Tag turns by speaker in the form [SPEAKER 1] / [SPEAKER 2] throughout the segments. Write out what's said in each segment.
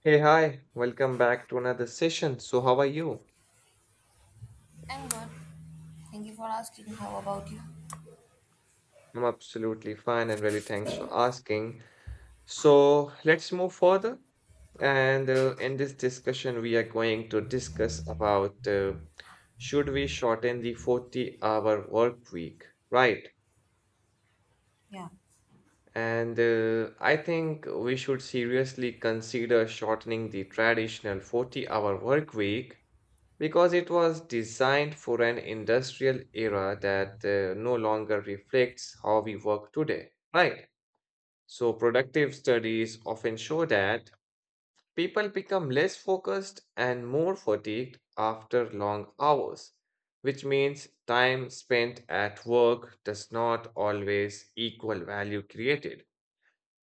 [SPEAKER 1] Hey, hi, welcome back to another session. So, how are you?
[SPEAKER 2] I'm good. Thank you for asking. How about you?
[SPEAKER 1] I'm absolutely fine and really thanks for asking. So, let's move further. And in this discussion, we are going to discuss about should we shorten the 40-hour work week, right?
[SPEAKER 2] Yeah.
[SPEAKER 1] And I think we should seriously consider shortening the traditional 40-hour work week because it was designed for an industrial era that no longer reflects how we work today, right? So, productive studies often show that people become less focused and more fatigued after long hours, which means time spent at work does not always equal value created.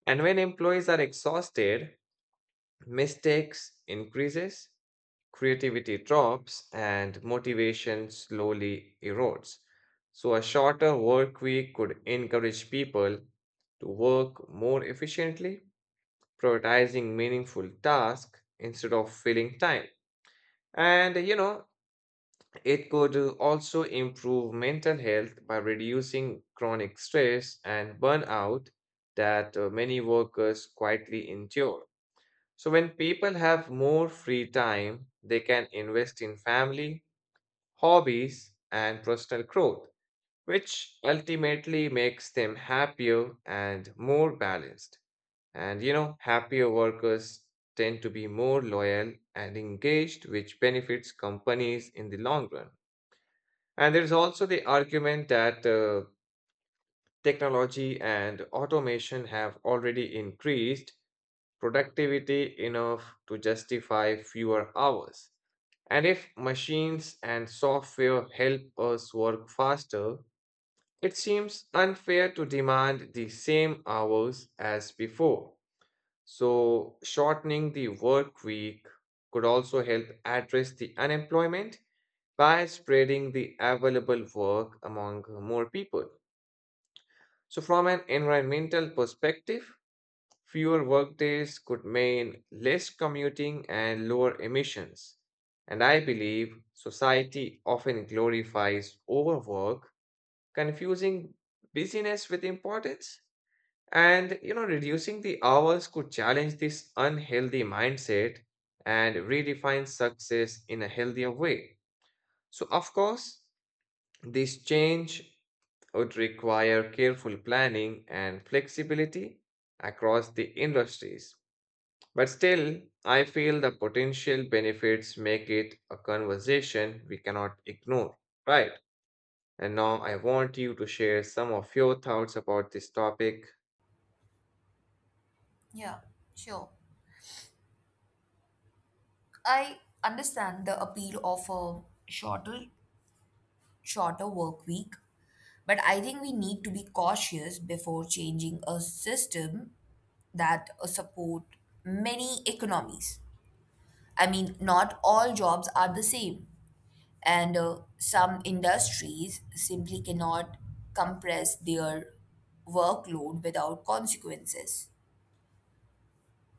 [SPEAKER 1] And when employees are exhausted, mistakes increases, creativity drops, and motivation slowly erodes. So, a shorter work week could encourage people to work more efficiently, prioritizing meaningful tasks instead of filling time. And it could also improve mental health by reducing chronic stress and burnout that many workers quietly endure. So, when people have more free time, they can invest in family, hobbies, and personal growth, which ultimately makes them happier and more balanced. And happier workers tend to be more loyal and engaged, which benefits companies in the long run. And there's also the argument that technology and automation have already increased productivity enough to justify fewer hours. And if machines and software help us work faster, it seems unfair to demand the same hours as before. So, shortening the work week could also help address the unemployment by spreading the available work among more people. So, from an environmental perspective, fewer workdays could mean less commuting and lower emissions. And I believe society often glorifies overwork, confusing busyness with importance. And reducing the hours could challenge this unhealthy mindset and redefine success in a healthier way. So, of course, this change would require careful planning and flexibility across the industries. But still, I feel the potential benefits make it a conversation we cannot ignore. Right. And now I want you to share some of your thoughts about this topic.
[SPEAKER 2] Yeah, sure. I understand the appeal of a shorter work week, but I think we need to be cautious before changing a system that support many economies. I mean, not all jobs are the same, and some industries simply cannot compress their workload without consequences.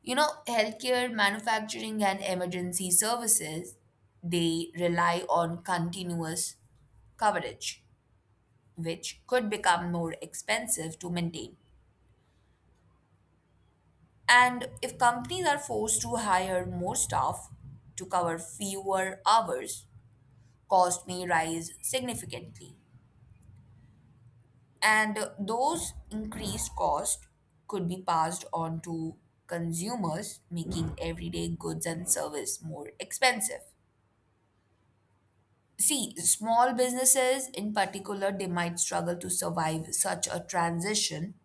[SPEAKER 2] You know, healthcare, manufacturing, and emergency services, they rely on continuous coverage, which could become more expensive to maintain. And if companies are forced to hire more staff to cover fewer hours, cost may rise significantly. And those increased costs could be passed on to consumers, making everyday goods and service more expensive. See, small businesses in particular, they might struggle to survive such a transition.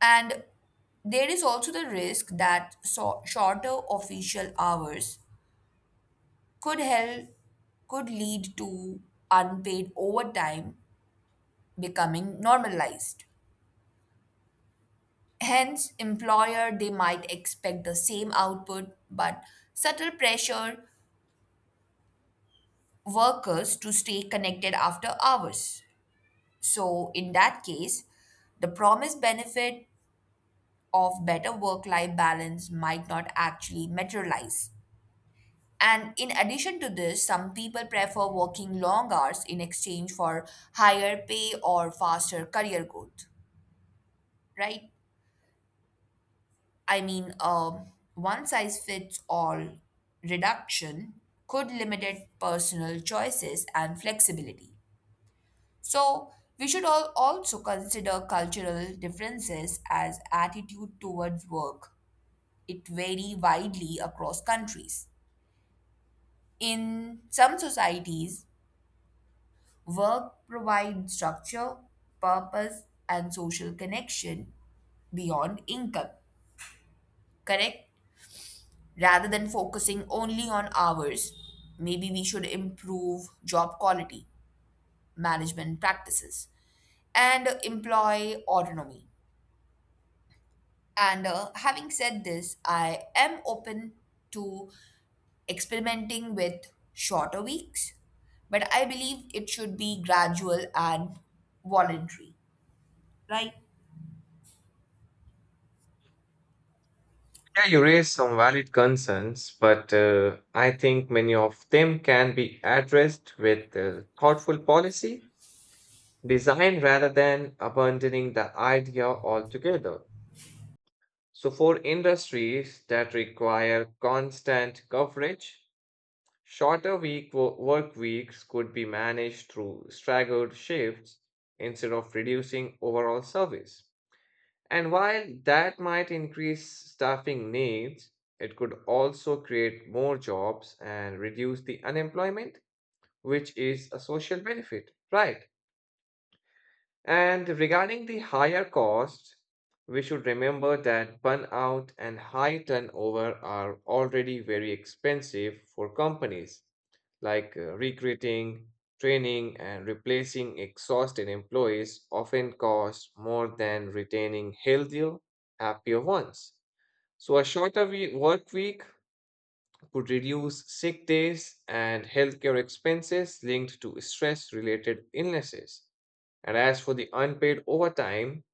[SPEAKER 2] And there is also the risk that shorter official hours could help, could lead to unpaid overtime becoming normalized. Hence, employer they might expect the same output, but subtle pressure workers to stay connected after hours. So, in that case, the promised benefit of better work life balance might not actually materialize. And in addition to this, some people prefer working long hours in exchange for higher pay or faster career growth, right? I mean, one size fits all reduction could limit personal choices and flexibility. So, we should all also consider cultural differences as attitude towards work. It vary widely across countries. In some societies, work provides structure, purpose, and social connection beyond income, correct? Rather than focusing only on hours, maybe we should improve job quality, management practices, and employee autonomy. And having said this, I am open to experimenting with shorter weeks, but I believe it should be gradual and voluntary. Right?
[SPEAKER 1] Yeah, you raise some valid concerns, but I think many of them can be addressed with thoughtful policy design rather than abandoning the idea altogether. So, for industries that require constant coverage, shorter work weeks could be managed through staggered shifts instead of reducing overall service. And while that might increase staffing needs, it could also create more jobs and reduce the unemployment, which is a social benefit, right? And regarding the higher cost, we should remember that burnout and high turnover are already very expensive for companies, like recruiting, training, and replacing exhausted employees often cost more than retaining healthier, happier ones. So a shorter work week could reduce sick days and healthcare expenses linked to stress related illnesses. And as for the unpaid overtime,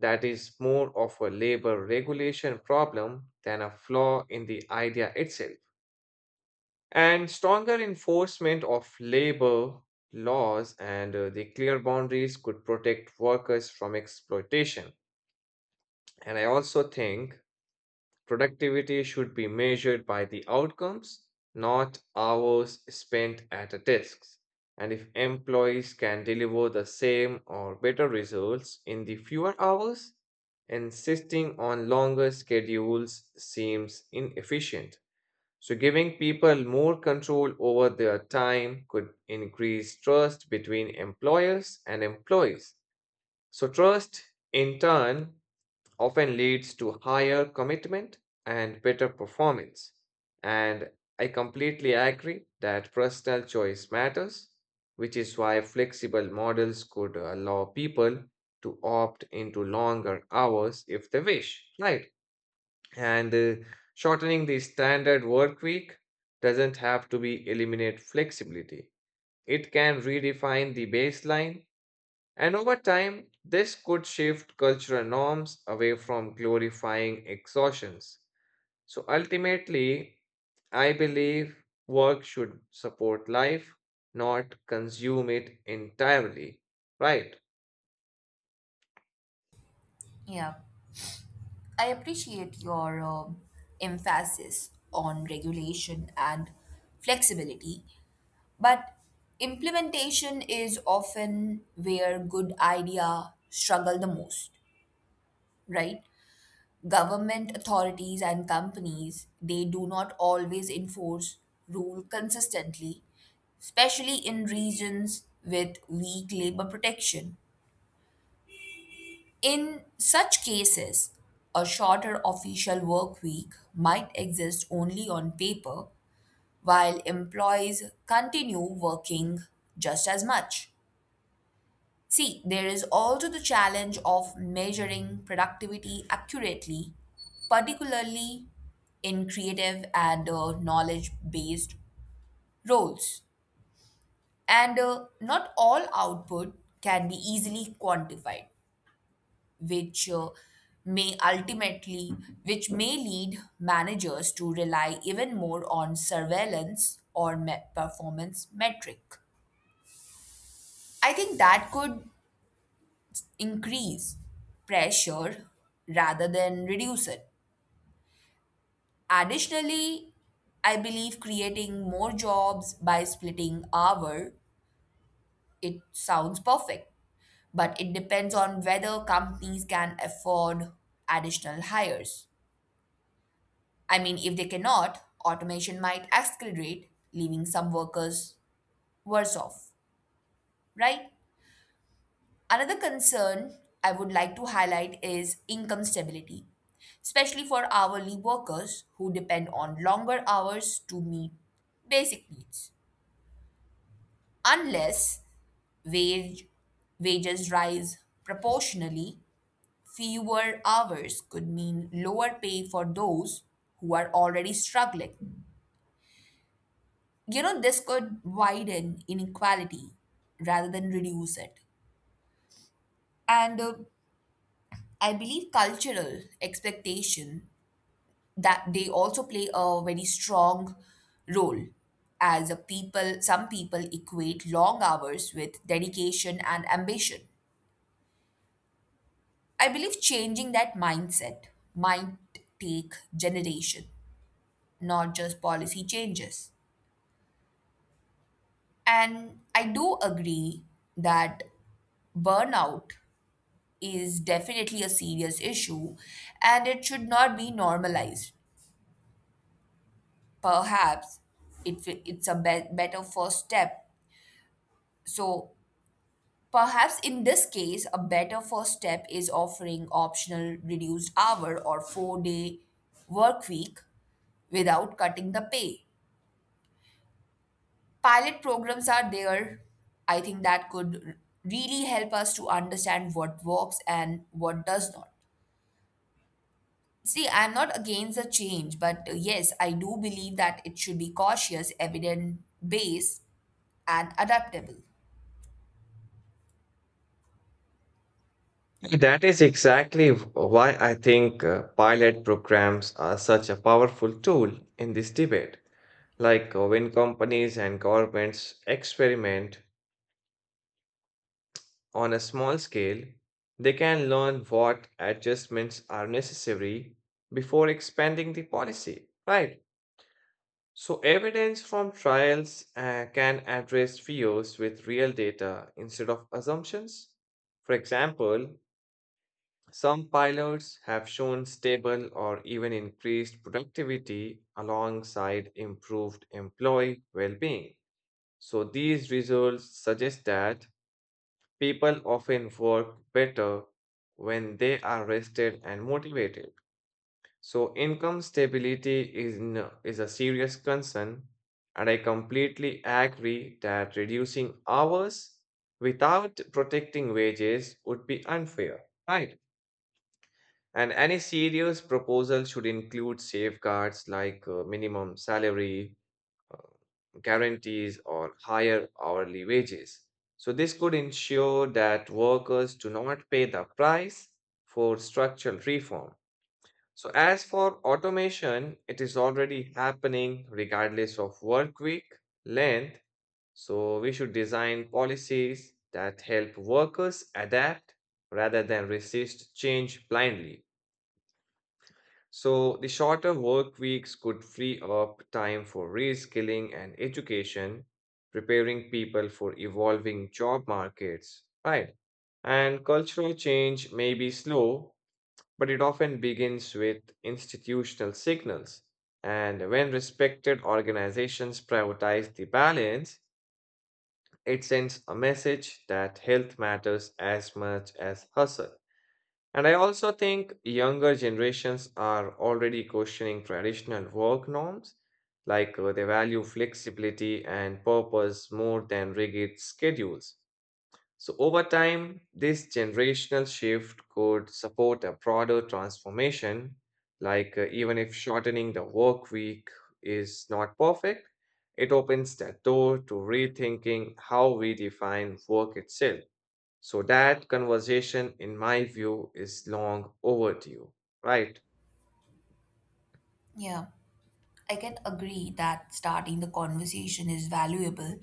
[SPEAKER 1] that is more of a labor regulation problem than a flaw in the idea itself. And stronger enforcement of labor laws and the clear boundaries could protect workers from exploitation. And I also think productivity should be measured by the outcomes, not hours spent at a desk. And if employees can deliver the same or better results in the fewer hours, insisting on longer schedules seems inefficient. So, giving people more control over their time could increase trust between employers and employees. So, trust in turn often leads to higher commitment and better performance. And I completely agree that personal choice matters, which is why flexible models could allow people to opt into longer hours if they wish, right? And shortening the standard work week doesn't have to be eliminate flexibility. It can redefine the baseline, and over time, this could shift cultural norms away from glorifying exhaustions. So ultimately, I believe work should support life, not consume it entirely. Right.
[SPEAKER 2] Yeah, I appreciate your emphasis on regulation and flexibility, but implementation is often where good idea struggle the most, right? Government authorities and companies, they do not always enforce rule consistently, especially in regions with weak labor protection. In such cases, a shorter official work week might exist only on paper while employees continue working just as much. See, there is also the challenge of measuring productivity accurately, particularly in creative and knowledge based roles. And not all output can be easily quantified, which uh, may ultimately which may lead managers to rely even more on surveillance or performance metric. I think that could increase pressure rather than reduce it. Additionally, I believe creating more jobs by splitting hour, it sounds perfect, but it depends on whether companies can afford additional hires. I mean, if they cannot, automation might accelerate, leaving some workers worse off, right? Another concern I would like to highlight is income stability, especially for hourly workers who depend on longer hours to meet basic needs. Unless wage, wages rise proportionally, fewer hours could mean lower pay for those who are already struggling. You know, this could widen inequality rather than reduce it. And I believe cultural expectation that they also play a very strong role. As a people, some people equate long hours with dedication and ambition. I believe changing that mindset might take generation, not just policy changes. And I do agree that burnout is definitely a serious issue and it should not be normalized. Perhaps it, it's a be- better first step. So, perhaps in this case, a better first step is offering optional reduced hour or 4 day work week without cutting the pay. Pilot programs are there. I think that could really help us to understand what works and what does not. See, I'm not against the change, but yes, I do believe that it should be cautious, evidence based, and adaptable.
[SPEAKER 1] That is exactly why I think pilot programs are such a powerful tool in this debate. Like when companies and governments experiment on a small scale, they can learn what adjustments are necessary before expanding the policy, right? So, evidence from trials can address fears with real data instead of assumptions. For example, some pilots have shown stable or even increased productivity alongside improved employee well being. So, these results suggest that people often work better when they are rested and motivated. So, income stability is a serious concern, and I completely agree that reducing hours without protecting wages would be unfair, right? And any serious proposal should include safeguards like minimum salary, guarantees, or higher hourly wages. So, this could ensure that workers do not pay the price for structural reform. So, as for automation, it is already happening regardless of work week length. So, we should design policies that help workers adapt rather than resist change blindly. So, the shorter work weeks could free up time for reskilling and education, preparing people for evolving job markets, right? And cultural change may be slow, but it often begins with institutional signals. And when respected organizations prioritize the balance, it sends a message that health matters as much as hustle. And I also think younger generations are already questioning traditional work norms, like they value flexibility and purpose more than rigid schedules. So, over time, this generational shift could support a broader transformation, like even if shortening the work week is not perfect, it opens the door to rethinking how we define work itself. So that conversation, in my view, is long overdue, right?
[SPEAKER 2] Yeah, I can agree that starting the conversation is valuable,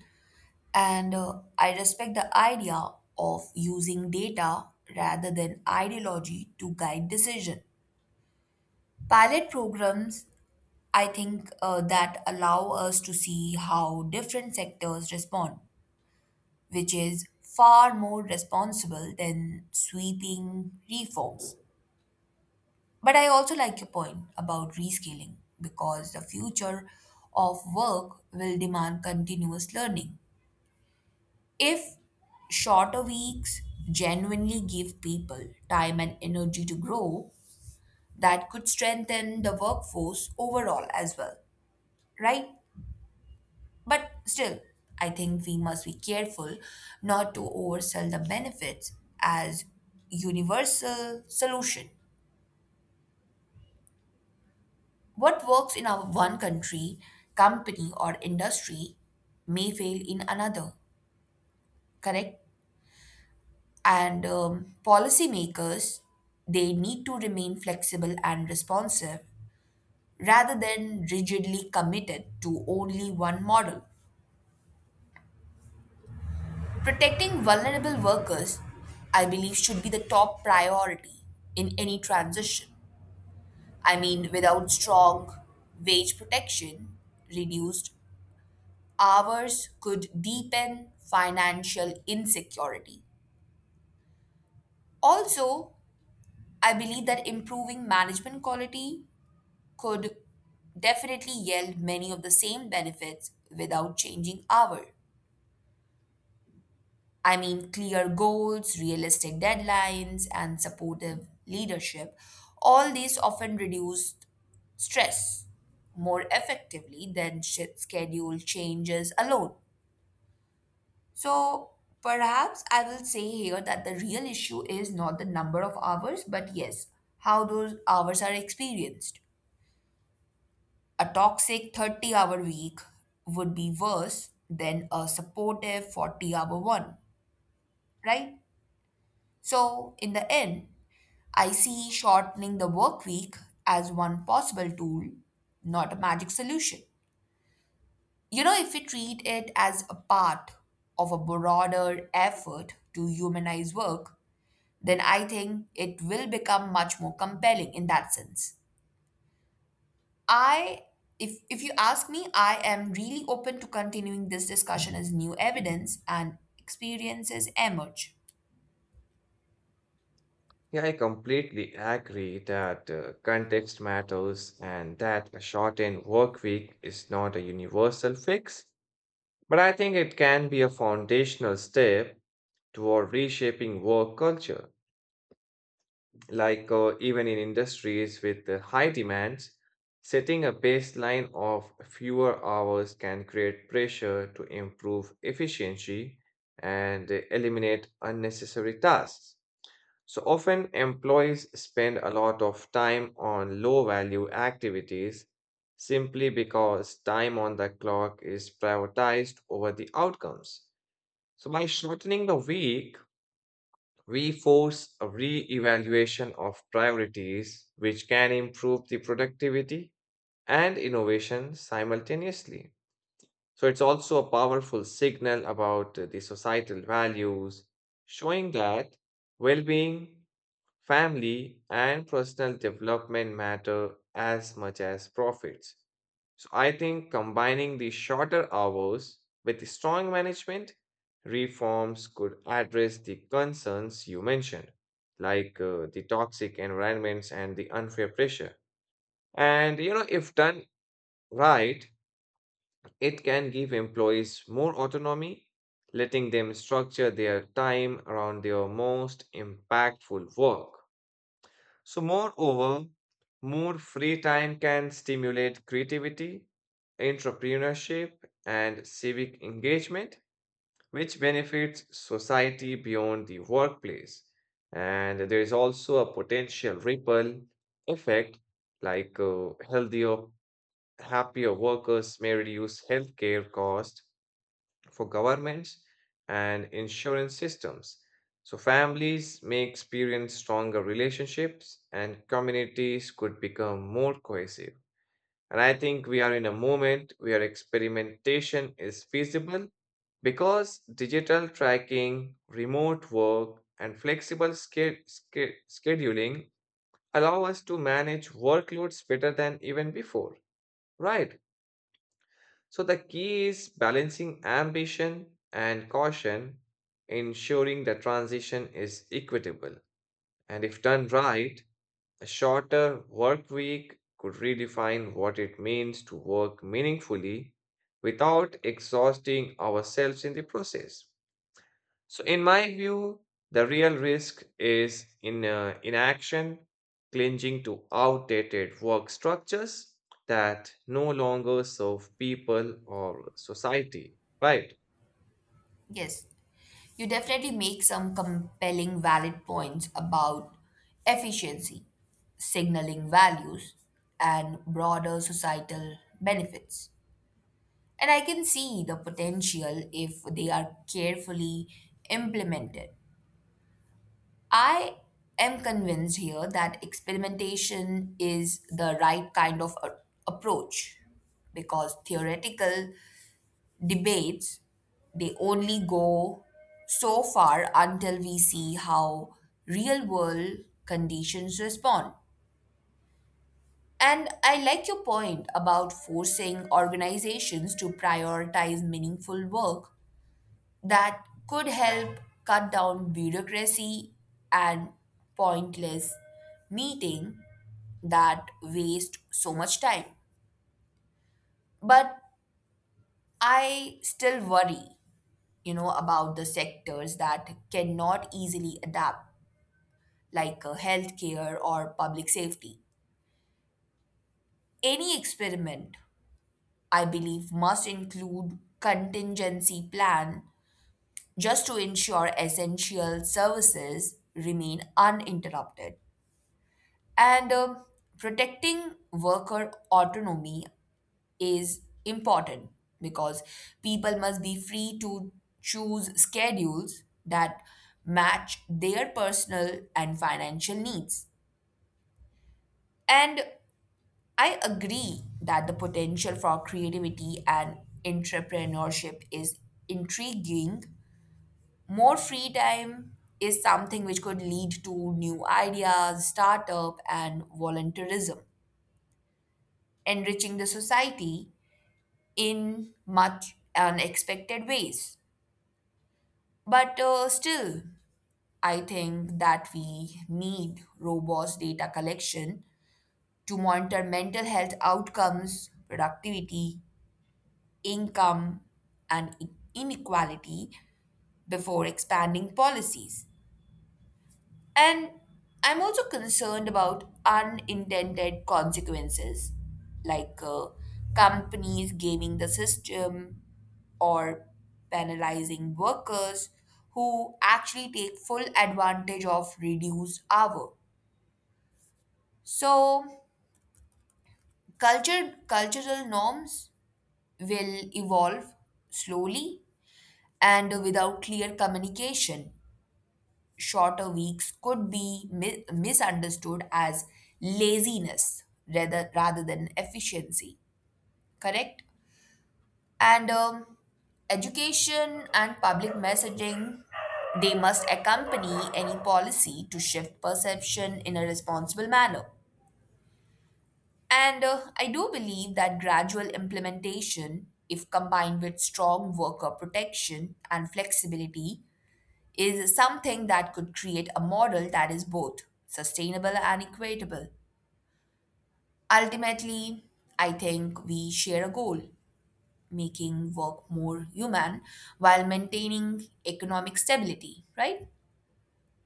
[SPEAKER 2] and I respect the idea of using data rather than ideology to guide decision. Pilot programs, I think, that allow us to see how different sectors respond, which is far more responsible than sweeping reforms. But I also like your point about reskilling because the future of work will demand continuous learning. If shorter weeks genuinely give people time and energy to grow, that could strengthen the workforce overall as well, right? But still, I think we must be careful not to oversell the benefits as universal solution. What works in our one country, company or industry may fail in another, correct? And policymakers, they need to remain flexible and responsive rather than rigidly committed to only one model. Protecting vulnerable workers, I believe, should be the top priority in any transition. I mean, without strong wage protection, reduced hours could deepen financial insecurity. Also, I believe that improving management quality could definitely yield many of the same benefits without changing hours. I mean, clear goals, realistic deadlines, and supportive leadership, all these often reduce stress more effectively than schedule changes alone. So, perhaps I will say here that the real issue is not the number of hours, but yes, how those hours are experienced. A toxic 30-hour week would be worse than a supportive 40 hour one, right? So, in the end, I see shortening the work week as one possible tool, not a magic solution. You know, if we treat it as a part of a broader effort to humanize work, then I think it will become much more compelling in that sense. I if you ask me, I am really open to continuing this discussion as new evidence and experiences emerge.
[SPEAKER 1] Yeah, I completely agree that context matters and that a shortened work week is not a universal fix, but I think it can be a foundational step toward reshaping work culture. Like even in industries with high demands, setting a baseline of fewer hours can create pressure to improve efficiency and eliminate unnecessary tasks. So often employees spend a lot of time on low value activities simply because time on the clock is prioritized over the outcomes. So by shortening the week, reforce a re-evaluation of priorities, which can improve the productivity and innovation simultaneously. So it's also a powerful signal about the societal values, showing that well-being, family, and personal development matter as much as profits. So I think combining the shorter hours with strong management reforms could address the concerns you mentioned, like the toxic environments and the unfair pressure. And if done right, it can give employees more autonomy, letting them structure their time around their most impactful work. So, moreover, more free time can stimulate creativity, entrepreneurship, and civic engagement, which benefits society beyond the workplace. And there is also a potential ripple effect, like healthier, happier workers may reduce healthcare costs for governments and insurance systems. So families may experience stronger relationships and communities could become more cohesive. And I think we are in a moment where experimentation is feasible because digital tracking, remote work, and flexible scheduling allow us to manage workloads better than even before. Right. So the key is balancing ambition and caution, ensuring the transition is equitable. And if done right, a shorter work week could redefine what it means to work meaningfully without exhausting ourselves in the process. So, in my view, the real risk is in inaction, clinging to outdated work structures that no longer serve people or society, right?
[SPEAKER 2] Yes, you definitely make some compelling valid points about efficiency, signaling values, and broader societal benefits. And I can see the potential if they are carefully implemented. I am convinced here that experimentation is the right kind of approach because theoretical debates, they only go so far until we see how real world conditions respond. And I like your point about forcing organizations to prioritize meaningful work. That could help cut down bureaucracy and pointless meeting that waste so much time. But I still worry, you know, about the sectors that cannot easily adapt, like healthcare or public safety. Any experiment, I believe, must include contingency plan just to ensure essential services remain uninterrupted. And protecting worker autonomy is important because people must be free to choose schedules that match their personal and financial needs. And I agree that the potential for creativity and entrepreneurship is intriguing. More free time is something which could lead to new ideas, startup, and volunteerism, enriching the society in much unexpected ways. But still, I think that we need robust data collection to monitor mental health outcomes, productivity, income, and inequality before expanding policies. And I'm also concerned about unintended consequences like companies gaming the system or penalizing workers who actually take full advantage of reduced hour. So culture cultural norms will evolve slowly, and without clear communication, shorter weeks could be misunderstood as laziness rather than efficiency. Correct? And education and public messaging, they must accompany any policy to shift perception in a responsible manner. And I do believe that gradual implementation, if combined with strong worker protection and flexibility, is something that could create a model that is both sustainable and equitable. Ultimately, I think we share a goal, making work more human while maintaining economic stability, right?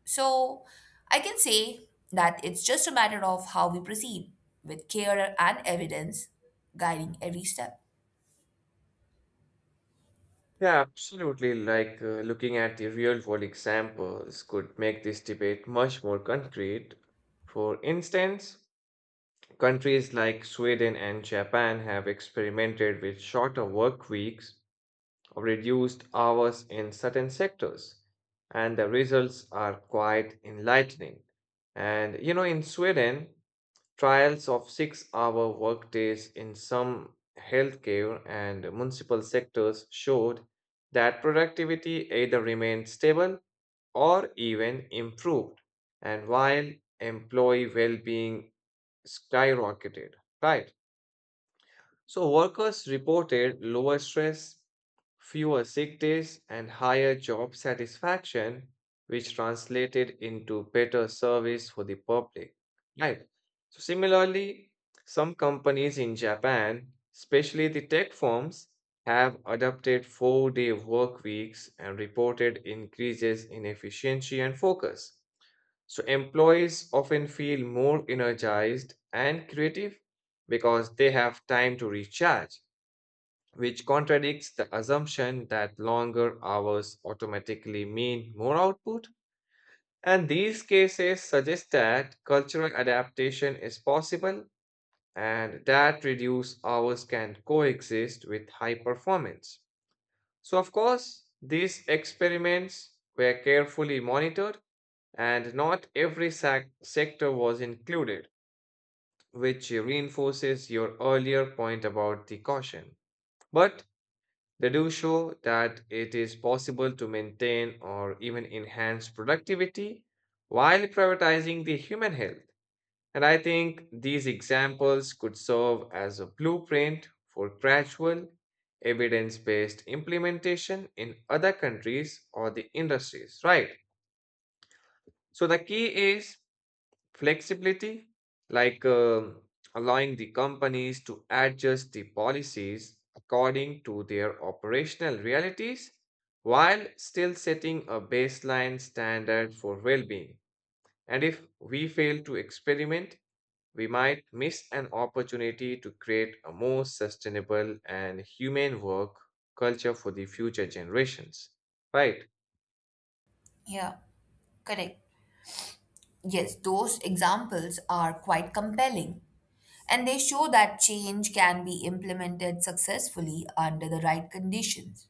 [SPEAKER 2] So I can say that it's just a matter of how we proceed, with care and evidence guiding every step.
[SPEAKER 1] Yeah, absolutely. Like looking at the real world examples could make this debate much more concrete. For instance, countries like Sweden and Japan have experimented with shorter work weeks reduced hours in certain sectors, and the results are quite enlightening. And in Sweden, trials of 6-hour workdays in some healthcare and municipal sectors showed that productivity either remained stable or even improved, and while employee well-being skyrocketed, right? So, workers reported lower stress, fewer sick days, and higher job satisfaction, which translated into better service for the public. Right. So, similarly, some companies in Japan, especially the tech firms, have adopted 4-day work weeks and reported increases in efficiency and focus. So employees often feel more energized and creative because they have time to recharge, which contradicts the assumption that longer hours automatically mean more output. And these cases suggest that cultural adaptation is possible and that reduced hours can coexist with high performance. So, of course, these experiments were carefully monitored and not every sector was included, which reinforces your earlier point about the caution. But they do show that it is possible to maintain or even enhance productivity while prioritizing the human health. And I think these examples could serve as a blueprint for gradual, evidence based implementation in other countries or the industries, right? So the key is flexibility, like allowing the companies to adjust the policies according to their operational realities while still setting a baseline standard for well being. And if we fail to experiment, we might miss an opportunity to create a more sustainable and humane work culture for the future generations. Right?
[SPEAKER 2] Yeah, correct. Yes, those examples are quite compelling and they show that change can be implemented successfully under the right conditions.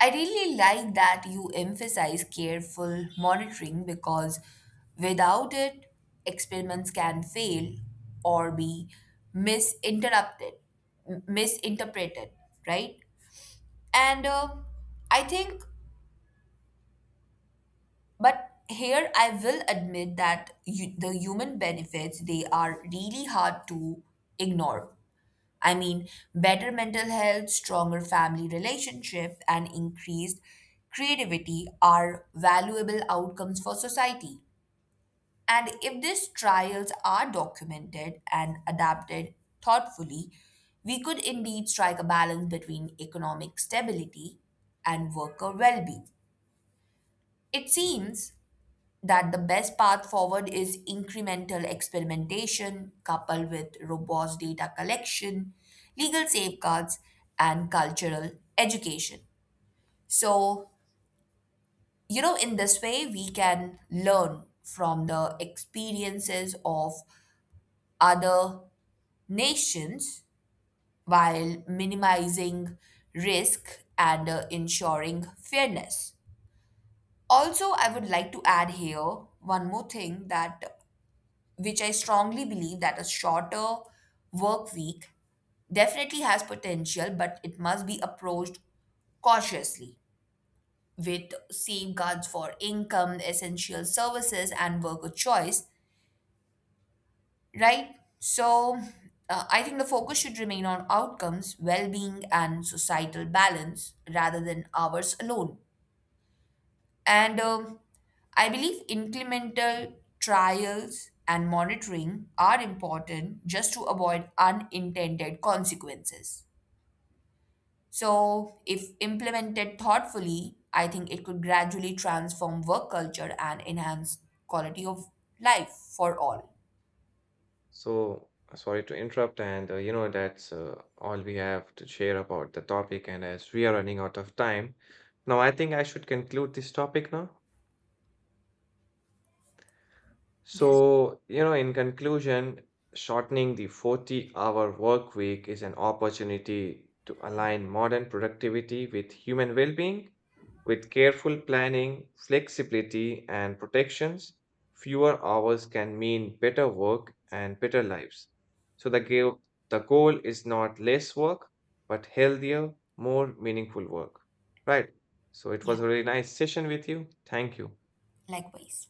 [SPEAKER 2] I really like that you emphasize careful monitoring because without it, experiments can fail or be misinterrupted, misinterpreted, right? And I think, but here I will admit that you, the human benefits they are really hard to ignore. I mean, better mental health, stronger family relationship, and increased creativity are valuable outcomes for society. And if these trials are documented and adapted thoughtfully, we could indeed strike a balance between economic stability and worker well being. It seems that the best path forward is incremental experimentation coupled with robust data collection, legal safeguards, and cultural education. So, you know, in this way, we can learn from the experiences of other nations while minimizing risk and ensuring fairness. Also, I would like to add here one more thing that which I strongly believe that a shorter work week definitely has potential, but it must be approached cautiously with safeguards for income, essential services, and worker choice, right? So, I think the focus should remain on outcomes, well being, and societal balance rather than hours alone. And I believe incremental trials and monitoring are important just to avoid unintended consequences. So, if implemented thoughtfully, I think it could gradually transform work culture and enhance quality of life for all.
[SPEAKER 1] So, sorry to interrupt, and that's all we have to share about the topic. And as we are running out of time, now I think I should conclude this topic now.
[SPEAKER 2] Yes.
[SPEAKER 1] So, in conclusion, shortening the 40-hour work week is an opportunity to align modern productivity with human well-being. With careful planning, flexibility, and protections, fewer hours can mean better work and better lives. So the goal is not less work, but healthier, more meaningful work. Right. So it
[SPEAKER 2] Yeah.
[SPEAKER 1] was a really nice session with you. Thank you.
[SPEAKER 2] Likewise.